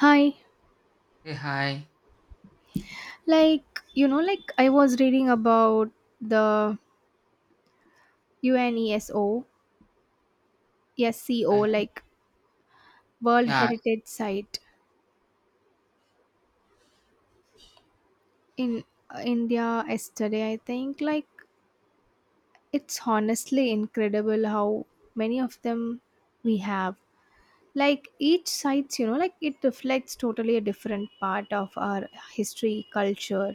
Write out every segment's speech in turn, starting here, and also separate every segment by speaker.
Speaker 1: Hi.
Speaker 2: Hey, hi.
Speaker 1: I was reading about the UNESCO, SCO,
Speaker 2: Okay.
Speaker 1: like World
Speaker 2: Yeah,
Speaker 1: Heritage Site in India yesterday, I think. It's honestly incredible how many of them we have. Each site, it reflects totally a different part of our history, culture,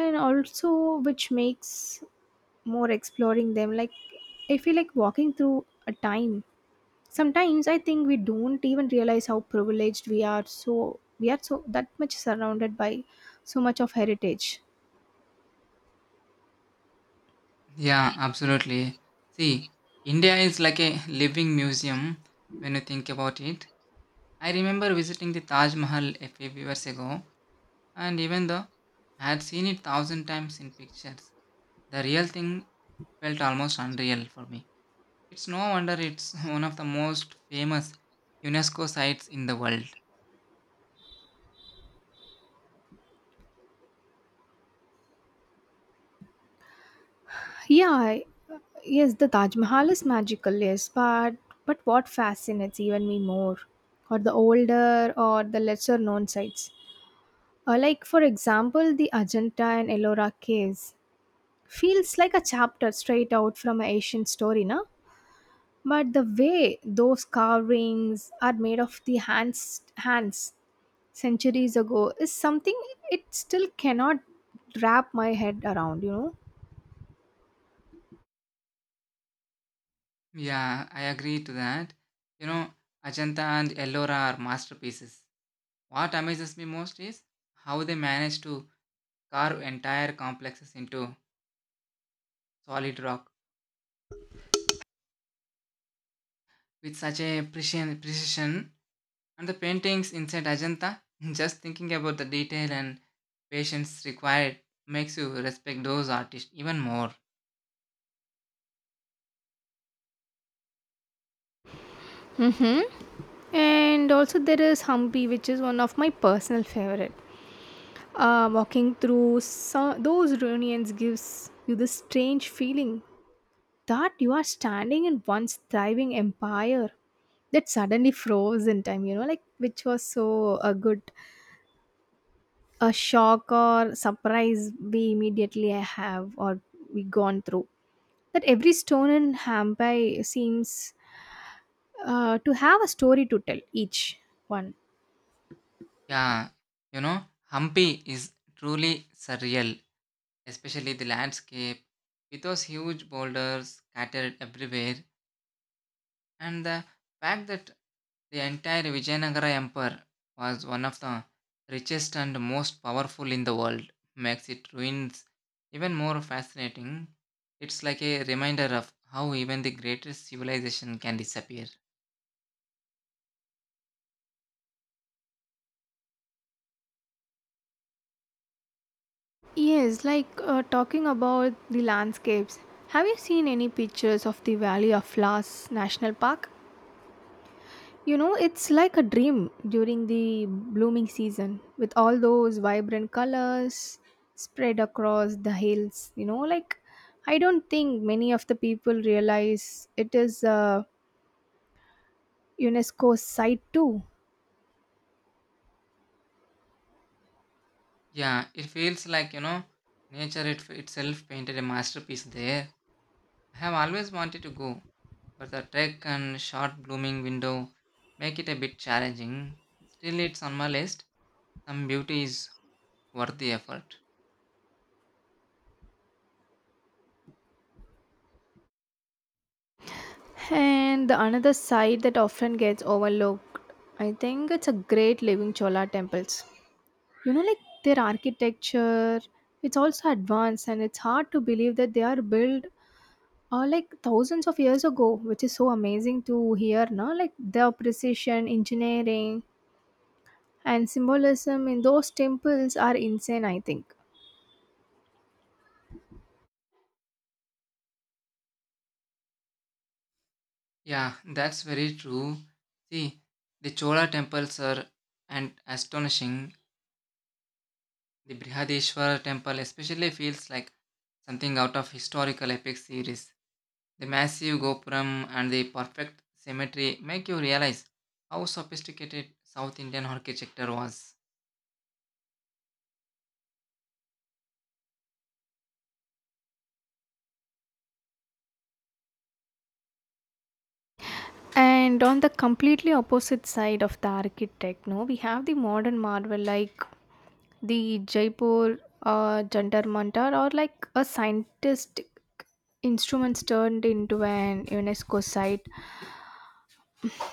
Speaker 1: and also which makes more exploring them. I feel like walking through a time. Sometimes I think we don't even realize how privileged we are. So we are so that much surrounded by so much of heritage.
Speaker 2: yeah, absolutely. See, India is like a living museum when you think about it. I remember visiting the Taj Mahal a few years ago, and even though I had seen it thousand times in pictures, the real thing felt almost unreal for me. It's no wonder it's one of the most famous UNESCO sites in the world.
Speaker 1: Yeah, I- yes, the Taj Mahal is magical, yes, but what fascinates even me more are the older or the lesser known sites. Like for example, the Ajanta and Ellora caves feels like a chapter straight out from an Asian story, na? But the way those carvings are made of the hands, hands centuries ago is something it still cannot wrap my head around,
Speaker 2: Yeah, I agree to that. You know, Ajanta and Ellora are masterpieces. What amazes me most is how they manage to carve entire complexes into solid rock with such a precision. And the paintings inside Ajanta, just thinking about the detail and patience required makes you respect those artists even more.
Speaker 1: and also there is Hampi, which is one of my personal favorite. Walking through some, those ruins gives you this strange feeling that you are standing in once thriving empire that suddenly froze in time, you know, like which was so a good a shock or surprise we immediately have or we gone through, that every stone in Hampai seems to have a story to tell, each one.
Speaker 2: Yeah, you know, Hampi is truly surreal, especially the landscape with those huge boulders scattered everywhere, and the fact that the entire Vijayanagara Empire was one of the richest and most powerful in the world makes its ruins even more fascinating. It's like a reminder of how even the greatest civilization can disappear.
Speaker 1: Yes, like talking about the landscapes. Have you seen any pictures of the Valley of Flowers National Park? You know, it's like a dream during the blooming season with all those vibrant colors spread across the hills. I don't think many of the people realize it is a UNESCO site too.
Speaker 2: Yeah, it feels like, you know, nature itself painted a masterpiece there. I have always wanted to go, but the trek and short blooming window make it a bit challenging. Still, it's on my list. Some beauty is worth the effort.
Speaker 1: And the another site that often gets overlooked, I think it's a great living Chola temples. You know, like their architecture, it's also advanced and it's hard to believe that they are built like thousands of years ago, which is so amazing to hear, no? Like their precision, engineering, and symbolism in those temples are insane, I think.
Speaker 2: Yeah, that's very true. See, the Chola temples are and astonishing. The Brihadeshwara temple especially feels like something out of historical epic series. The massive gopuram and the perfect symmetry make you realize how sophisticated South Indian architecture was.
Speaker 1: And on the completely opposite side of the architect, no, we have the modern marvel like the Jaipur Jantar Mantar are like a scientific instruments turned into an UNESCO site.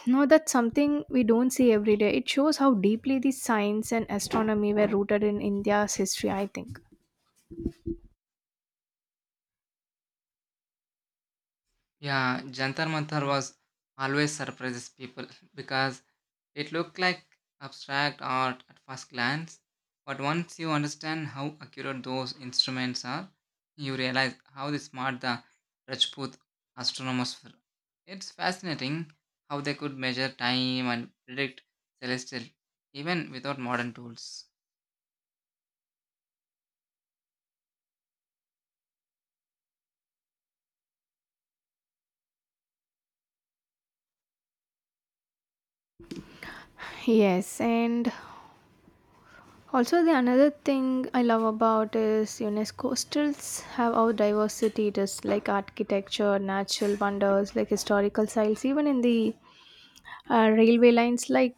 Speaker 1: Now that's something we don't see every day. It shows how deeply the science and astronomy were rooted in India's history, I think.
Speaker 2: Yeah, Jantar Mantar was always surprises people because it looked like abstract art at first glance, but once you understand how accurate those instruments are, you realize how they smart the Rajput astronomers were. It's fascinating how they could measure time and predict celestial even without modern tools.
Speaker 1: Yes, and also the another thing I love about is UNESCO still have our diversity. It is like architecture, natural wonders, like historical sites, even in the railway lines like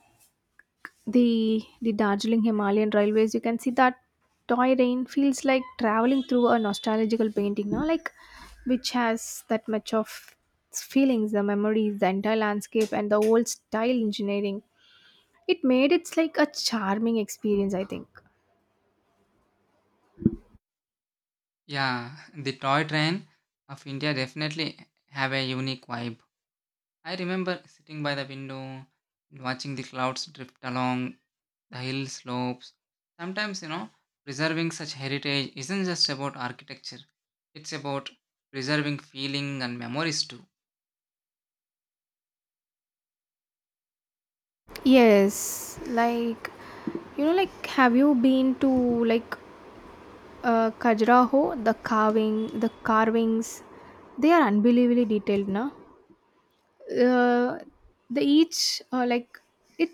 Speaker 1: the Darjeeling Himalayan Railways. You can see that toy rain feels like traveling through a nostalgical painting, now, like which has that much of its feelings, the memories, the entire landscape, and the old style engineering. It made it's like a charming experience, I think.
Speaker 2: Yeah, the toy train of India definitely have a unique vibe. I remember sitting by the window and watching the clouds drift along the hill slopes. Sometimes, you know, preserving such heritage isn't just about architecture, it's about preserving feeling and memories too.
Speaker 1: Yes, like have you been to like Khajuraho? The carvings, they are unbelievably detailed, no? uh, the each like it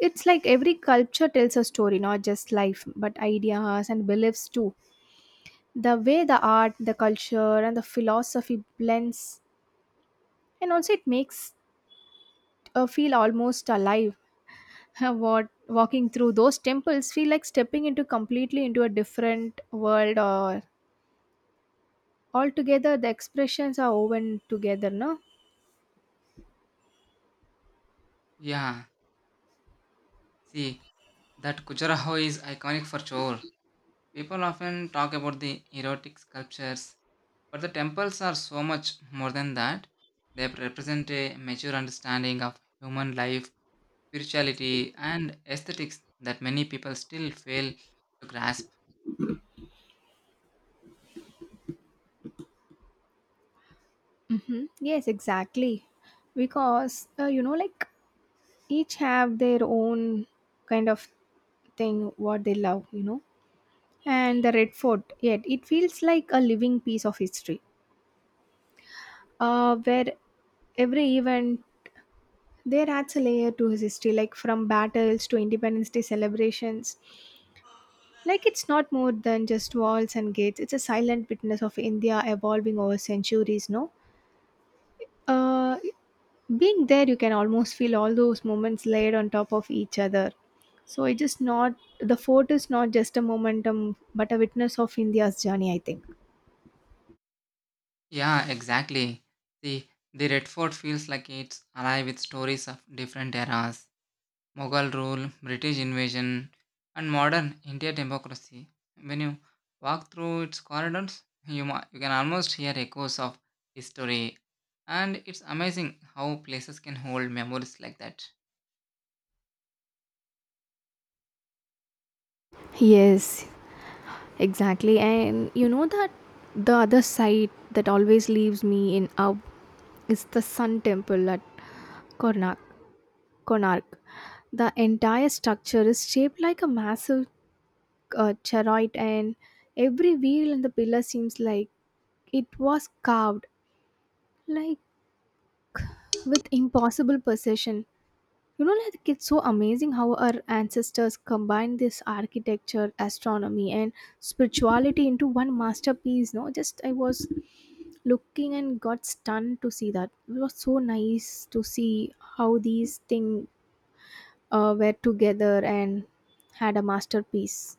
Speaker 1: it's like every culture tells a story, not just life but ideas and beliefs too. The way the art, the culture, and the philosophy blends and also it makes feel almost alive. What walking through those temples feel like stepping into completely into a different world or altogether, the expressions are woven together, no.
Speaker 2: Yeah, see, that Khajuraho is iconic for sure. People often talk about the erotic sculptures, but the temples are so much more than that. They represent a mature understanding of human life, spirituality, and aesthetics that many people still fail to grasp.
Speaker 1: Mm-hmm. Yes, exactly. Because each have their own kind of thing what they love, you know. And the Red Fort yet it feels like a living piece of history, where every event there adds a layer to his history, like from battles to Independence Day celebrations. Like it's not more than just walls and gates, it's a silent witness of India evolving over centuries, no. Uh, Being there, you can almost feel all those moments layered on top of each other. So it is not the fort is not just a momentum, but a witness of India's journey, I think.
Speaker 2: Yeah, exactly. See, the Red Fort feels like it's alive with stories of different eras: Mughal rule, British invasion, and modern India democracy. When you walk through its corridors, you can almost hear echoes of history. And it's amazing how places can hold memories like that.
Speaker 1: Yes, exactly. And you know that the other side that always leaves me in awe is the sun temple at Konark. Konark. The entire structure is shaped like a massive chariot, and every wheel and the pillar seems like it was carved like with impossible possession, you know. Like it's so amazing how our ancestors combined this architecture, astronomy, and spirituality into one masterpiece, no. Just I was looking and got stunned to see that it was so nice to see how these things were together and had a masterpiece.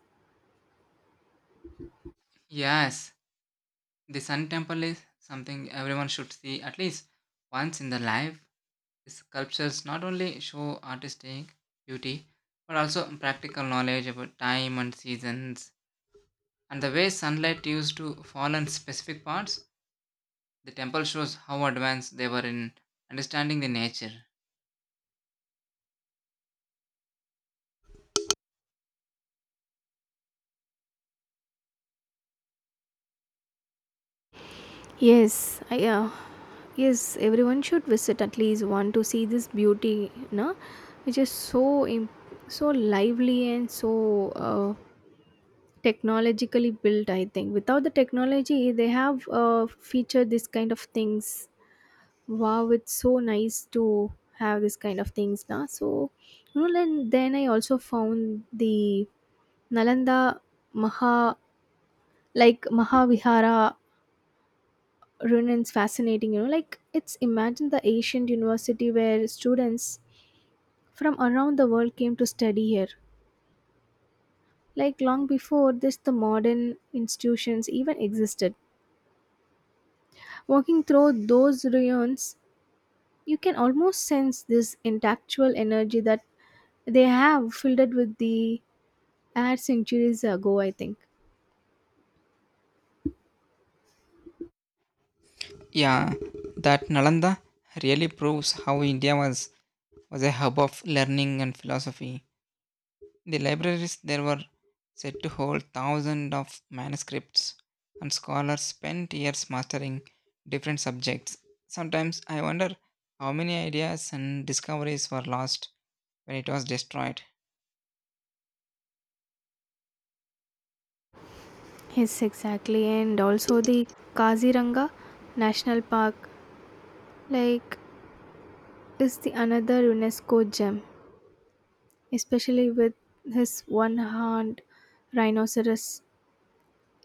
Speaker 2: Yes, the Sun Temple is something everyone should see at least once in their life. These sculptures not only show artistic beauty but also practical knowledge about time and seasons and the way sunlight used to fall on specific parts. The temple shows how advanced they were in understanding the nature.
Speaker 1: Yes, I, uh, yes, everyone should visit at least one to see this beauty, no? Which is so so lively and so technologically built. I think without the technology, they have featured this kind of things. Wow, it's so nice to have this kind of things now. So, you know, then I also found the Nalanda Maha like Mahavihara Runan's fascinating. It's imagine the ancient university where students from around the world came to study here. Like long before this, the modern institutions even existed. Walking through those ruins, you can almost sense this intellectual energy that they have filled with the air centuries ago, I think.
Speaker 2: Yeah, that Nalanda really proves how India was a hub of learning and philosophy. The libraries there were said to hold thousands of manuscripts, and scholars spent years mastering different subjects. Sometimes I wonder how many ideas and discoveries were lost when it was destroyed.
Speaker 1: Yes, exactly. And also the Kaziranga National Park, like, is the another UNESCO gem, especially with his one horned rhinoceros.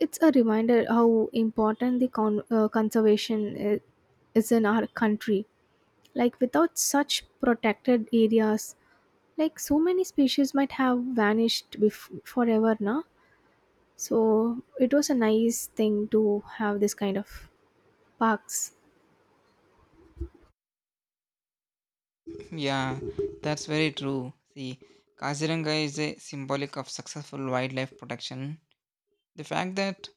Speaker 1: It's a reminder how important the conservation is in our country. Like, without such protected areas, like so many species might have vanished forever, na? So, it was a nice thing to have this kind of parks.
Speaker 2: Yeah, that's very true. See, Kaziranga is a symbolic of successful wildlife protection. The fact that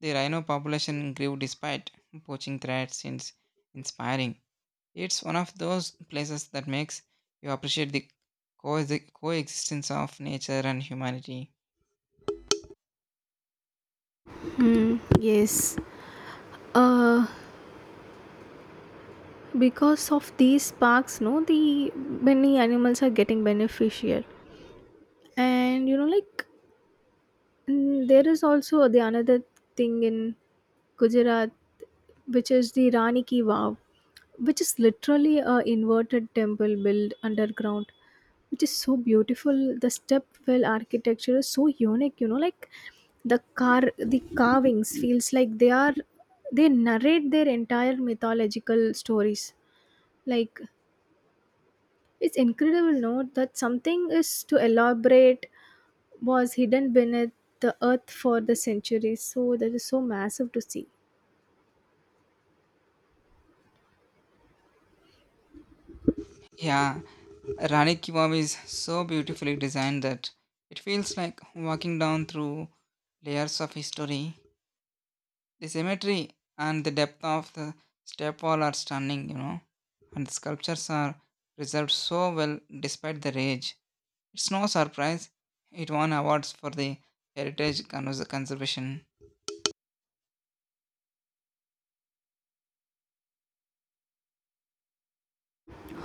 Speaker 2: the rhino population grew despite poaching threats is inspiring. It's one of those places that makes you appreciate the coexistence of nature and humanity.
Speaker 1: Mm, yes. Uh, because of these parks, no, the many animals are getting beneficial. And you know, like there is also the another thing in Gujarat, which is the Rani Ki Vav, which is literally a inverted temple built underground, which is so beautiful. The stepwell architecture is so unique. The carvings feels like they are they narrate their entire mythological stories. Like it's incredible, no, that something is to elaborate was hidden beneath the earth for the centuries. So that is so massive to see.
Speaker 2: Yeah, Rani Ki Vav is so beautifully designed that it feels like walking down through layers of history. The symmetry and the depth of the step wall are stunning, you know, and the sculptures are preserved so well despite the age. It's no surprise it won awards for the heritage conservation.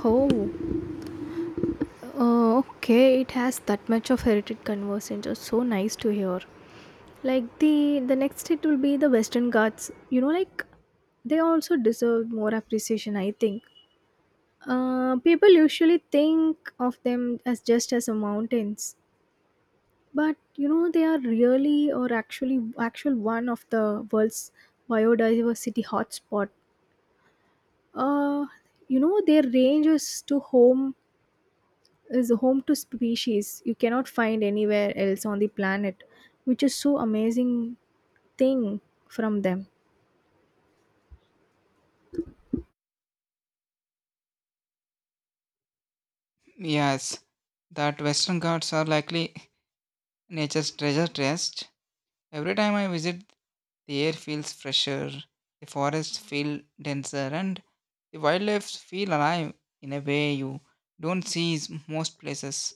Speaker 1: Oh, okay. It has that much of heritage conversion. Just so nice to hear. Like the next hit will be the Western Ghats. They also deserve more appreciation, I think. People usually think of them as just as a mountains, but you know they are really or actually actual one of the world's biodiversity hotspot. uh you know their range is to home is home to species you cannot find anywhere else on the planet, which is so amazing thing from them.
Speaker 2: Yes, that Western Ghats are likely nature's treasure chest. Every time I visit, the air feels fresher, the forests feel denser, and the wildlife feel alive in a way you don't see is most places.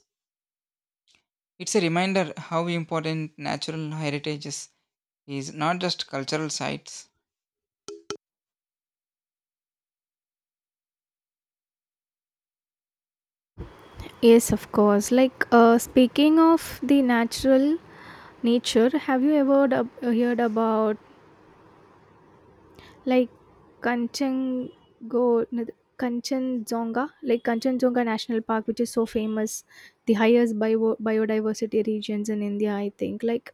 Speaker 2: It's a reminder how important natural heritage is not just cultural sites.
Speaker 1: Yes, of course, like speaking of the natural nature, have you ever heard about like kanchengo Kanchenjunga, like Kanchenjunga National Park, which is so famous, the highest biodiversity regions in India, I think. Like,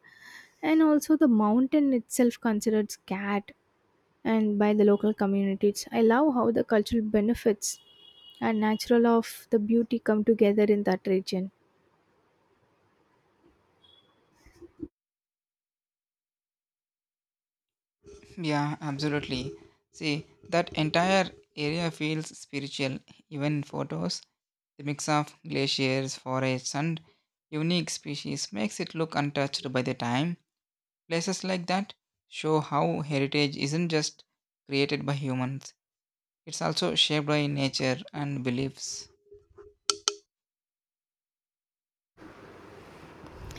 Speaker 1: and also the mountain itself considered sacred and by the local communities. I love how the cultural benefits and natural of the beauty come together in that region.
Speaker 2: Yeah, absolutely. See, that entire area feels spiritual, even in photos. The mix of glaciers, forests, and unique species makes it look untouched by the time. Places like that show how heritage isn't just created by humans, it's also shaped by nature and beliefs.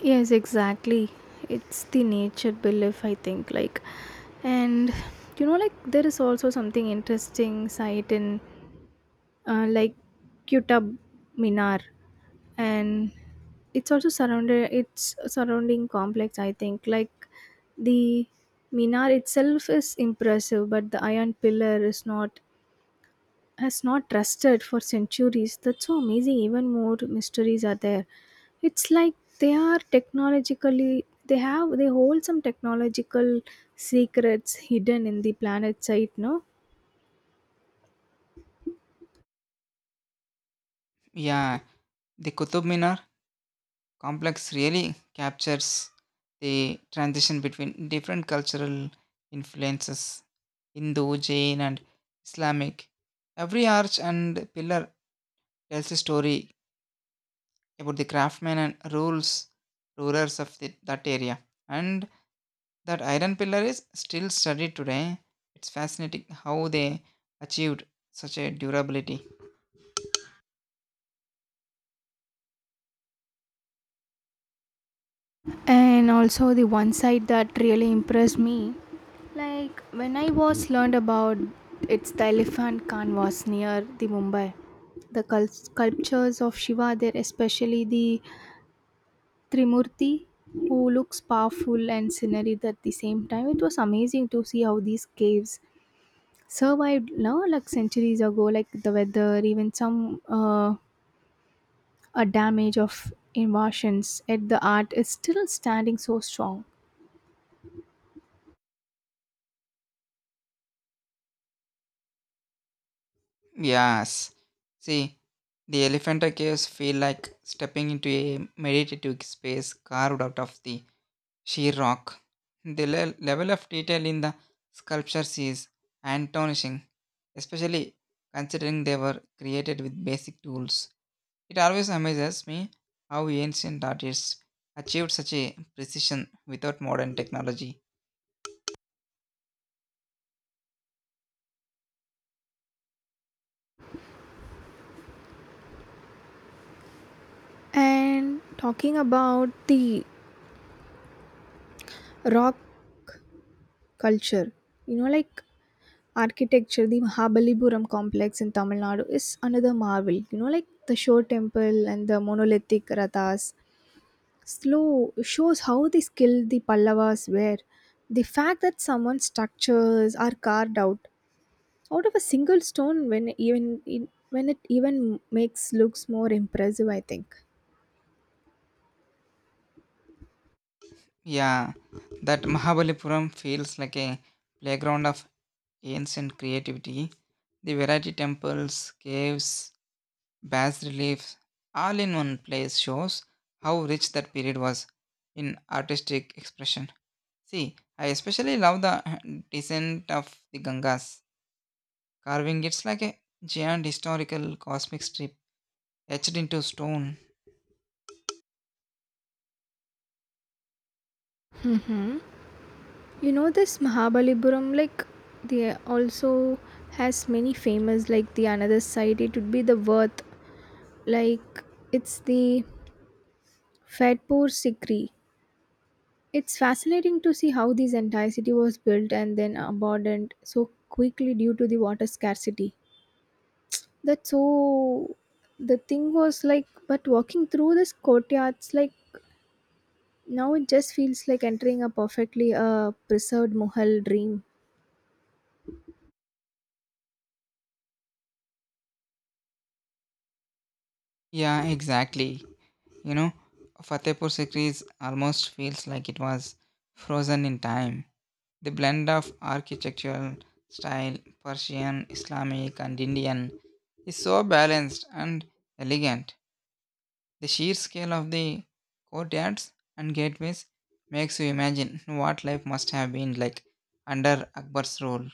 Speaker 1: Yes, exactly. It's the nature belief, I think. Like and there is also something interesting sight in like Qutub Minar, and it's also surrounded it's surrounding complex, I think. Like the minar itself is impressive but the iron pillar is not has not trusted for centuries. That's so amazing, even more mysteries are there. It's like they are technologically, they have they hold some technological secrets hidden in the planet site, no.
Speaker 2: Yeah, the Qutub Minar complex really captures the transition between different cultural influences: Hindu, Jain, and Islamic. Every arch and pillar tells a story about the craftsmen and rules rulers of the, that area. And that iron pillar is still studied today. It's fascinating how they achieved such a durability.
Speaker 1: And also the one side that really impressed me, like when I was learned about it's the elephant canvas near the Mumbai, the sculptures of Shiva there, especially the Trimurti, who looks powerful and scenery at the same time. It was amazing to see how these caves survived now, like centuries ago, like the weather, even some a damage of invasions. Yet the art is still standing so strong.
Speaker 2: Yes. See, the Elephanta caves feel like stepping into a meditative space carved out of the sheer rock. The level of detail in the sculptures is astonishing, especially considering they were created with basic tools. It always amazes me how ancient artists achieved such a precision without modern technology.
Speaker 1: And talking about the rock culture, you know, like architecture, the Mahabalipuram complex in Tamil Nadu is another marvel. The Shore Temple and the monolithic Rathas. Slow shows how the skilled the Pallavas were. The fact that someone's structures are carved out out of a single stone when even when it even makes looks more impressive, I think.
Speaker 2: Yeah, that Mahabalipuram feels like a playground of ancient creativity. The variety temples, caves, bas reliefs, all in one place shows how rich that period was in artistic expression. See, I especially love the descent of the Gangas carving. It's like a giant historical cosmic strip etched into stone.
Speaker 1: You know this Mahabalipuram, like they also has many famous like the another side. It would be the worth, like it's the Fatpur Sikri. It's fascinating to see how this entire city was built and then abandoned so quickly due to the water scarcity. That's so. The thing was like, but walking through this courtyards, like now it just feels like entering a perfectly preserved Mughal dream.
Speaker 2: Yeah, exactly. You know, Fatehpur Sikri's almost feels like it was frozen in time. The blend of architectural style, Persian, Islamic, and Indian, is so balanced and elegant. The sheer scale of the courtyards and gateways makes you imagine what life must have been like under Akbar's rule.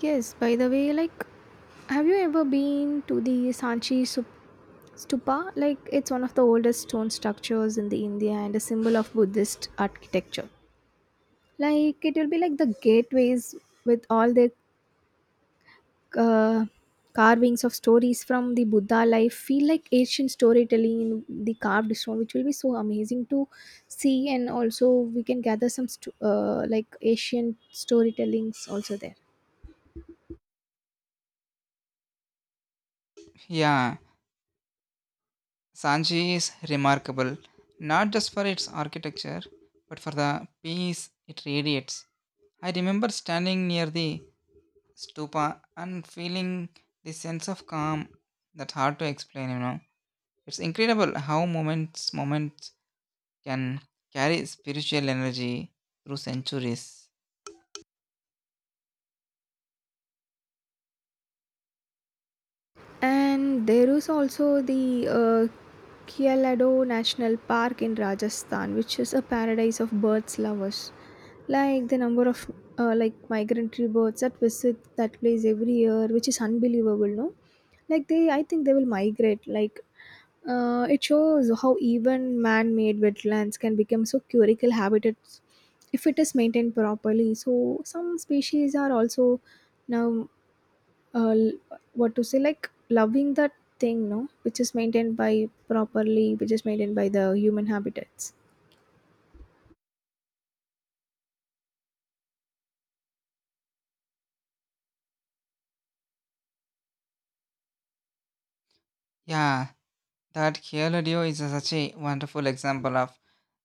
Speaker 1: Yes, by the way, like, have you ever been to the Stupa? Like, it's one of the oldest stone structures in the India and a symbol of Buddhist architecture. Like, it will be like the gateways with all the uh, carvings of stories from the Buddha life. Feel like ancient storytelling in the carved stone, which will be so amazing to see. And also, we can gather some like Asian storytellings also there.
Speaker 2: Yeah, Sanchi is remarkable not just for its architecture but for the peace it radiates. I remember standing near the stupa and feeling the sense of calm that's hard to explain, you know. It's incredible how moments can carry spiritual energy through centuries.
Speaker 1: And there is also the Kyalado National Park in Rajasthan, which is a paradise of birds lovers. Like the number of like migratory birds that visit that place every year, which is unbelievable, no? Like they, I think they will migrate. Like it shows how even man-made wetlands can become so curical habitats if it is maintained properly. So some species are also now uh, l- what to say like loving that thing, no, which is maintained by properly, which is maintained by the human habitats.
Speaker 2: Yeah, that Kyaladio is such a wonderful example of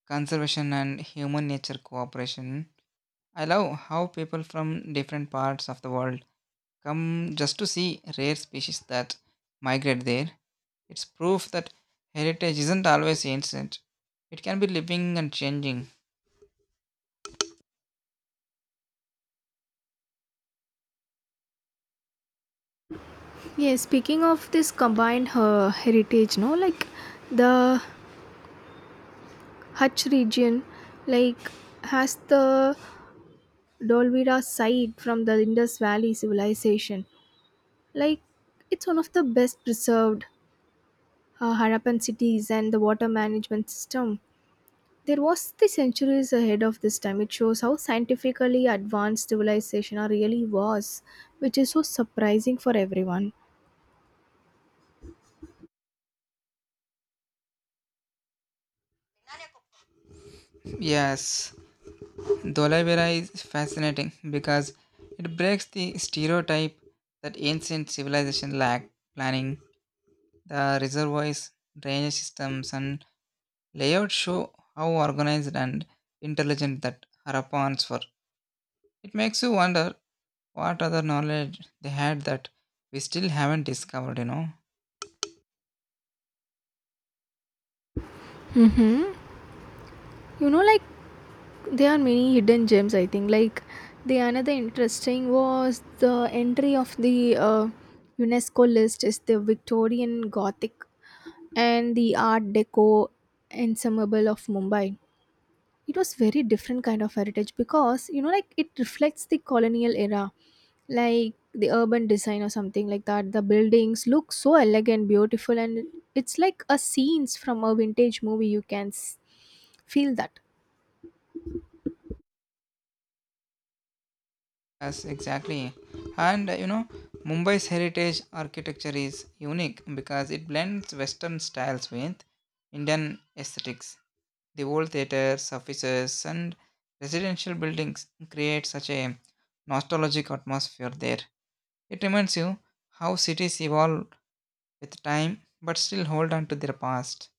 Speaker 2: conservation and human nature cooperation. I love how people from different parts of the world come just to see rare species that migrate there. It's proof that heritage isn't always ancient. It can be living and changing.
Speaker 1: Yeah, speaking of this combined heritage, no, like the Hutch region, like has the Dolvira site from the Indus Valley civilization. Like it's one of the best preserved Harappan cities and the water management system. There was the centuries ahead of this time. It shows how scientifically advanced civilization are really was, which is so surprising for everyone.
Speaker 2: Yes, Dholai Vera is fascinating because it breaks the stereotype that ancient civilization lacked planning, the reservoirs, drainage systems, and layout show how organized and intelligent that Harappans were. It makes you wonder what other knowledge they had that we still haven't discovered, you know.
Speaker 1: Hmm? You know, like there are many hidden gems, I think. Like the another interesting was the entry of the UNESCO list is the Victorian Gothic and the Art Deco ensemble of Mumbai. It was very different kind of heritage because it reflects the colonial era, like the urban design or something like that. The buildings look so elegant beautiful and it's like a scenes from a vintage movie, you can feel that.
Speaker 2: Yes, exactly. And you know, Mumbai's heritage architecture is unique because it blends Western styles with Indian aesthetics. The old theatres, offices, and residential buildings create such a nostalgic atmosphere there. It reminds you how cities evolve with time but still hold on to their past.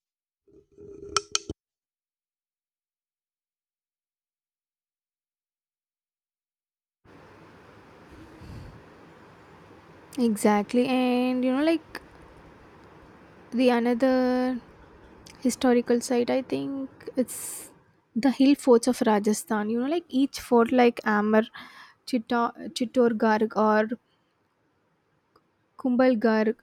Speaker 1: Exactly. And the another historical site, I think it's the hill forts of Rajasthan. Each fort like amar Chittor, Chittorgarh or Kumbal Garg,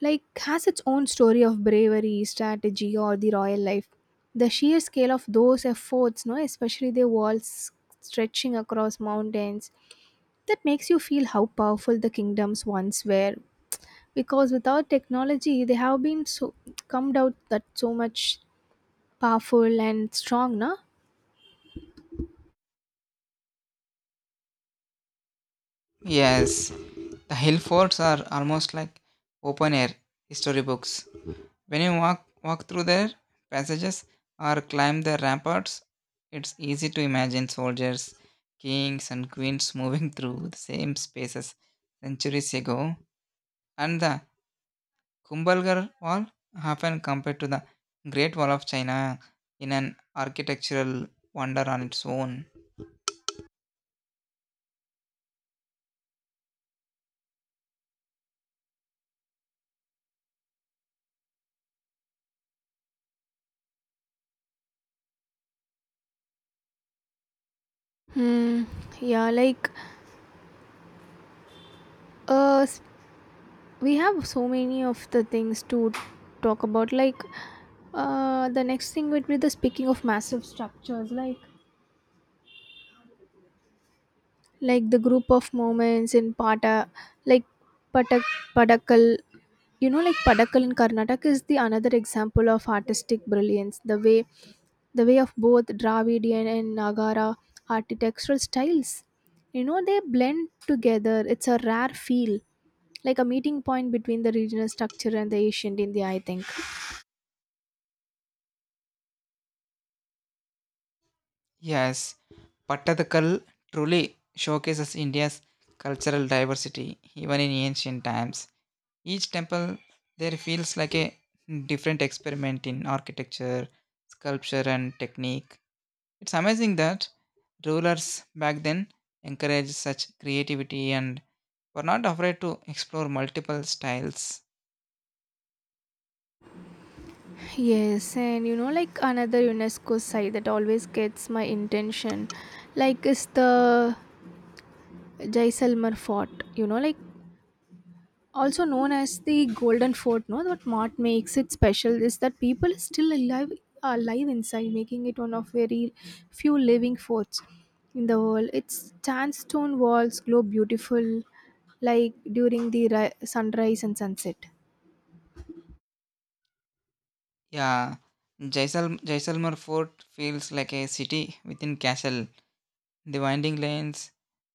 Speaker 1: like has its own story of bravery, strategy, or the royal life. The sheer scale of those efforts, no, especially the walls stretching across mountains, that makes you feel how powerful the kingdoms once were. Because without technology, they have been so come out that so much powerful and strong, na?
Speaker 2: Yes, the hill forts are almost like open air history books. When you walk through their passages or climb their ramparts, it's easy to imagine soldiers, kings, and queens moving through the same spaces centuries ago. And the Kumbhalgarh Wall, often compared to the Great Wall of China, in an architectural wonder on its own.
Speaker 1: Hmm. Yeah, like uh, we have so many of the things to talk about, like the next thing would be the speaking of massive structures, like the group of moments in pata, like patak padakal. You know, like padakal in Karnataka is the another example of artistic brilliance. The way of both Dravidian and Nagara architectural styles, you know, they blend together. It's a rare feel, like a meeting point between the regional structure and the ancient India, I think.
Speaker 2: Yes, Pattadakal truly showcases India's cultural diversity even in ancient times. Each temple there feels like a different experiment in architecture, sculpture, and technique. It's amazing that rulers back then encouraged such creativity and were not afraid to explore multiple styles.
Speaker 1: Yes, and another UNESCO site that always gets my intention, like is the Jaisalmer Fort. You know, like also known as the Golden Fort. No, what makes it special is that people are still alive, alive inside, making it one of very few living forts in the world. Its sandstone walls glow beautiful, like during the sunrise and sunset.
Speaker 2: Yeah, Jaisalmer Fort feels like a city within castle. The winding lanes,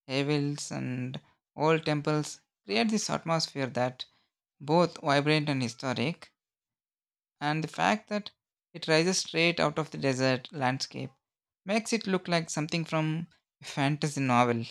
Speaker 2: hills, and old temples create this atmosphere that both vibrant and historic, and the fact that it rises straight out of the desert landscape makes it look like something from a fantasy novel.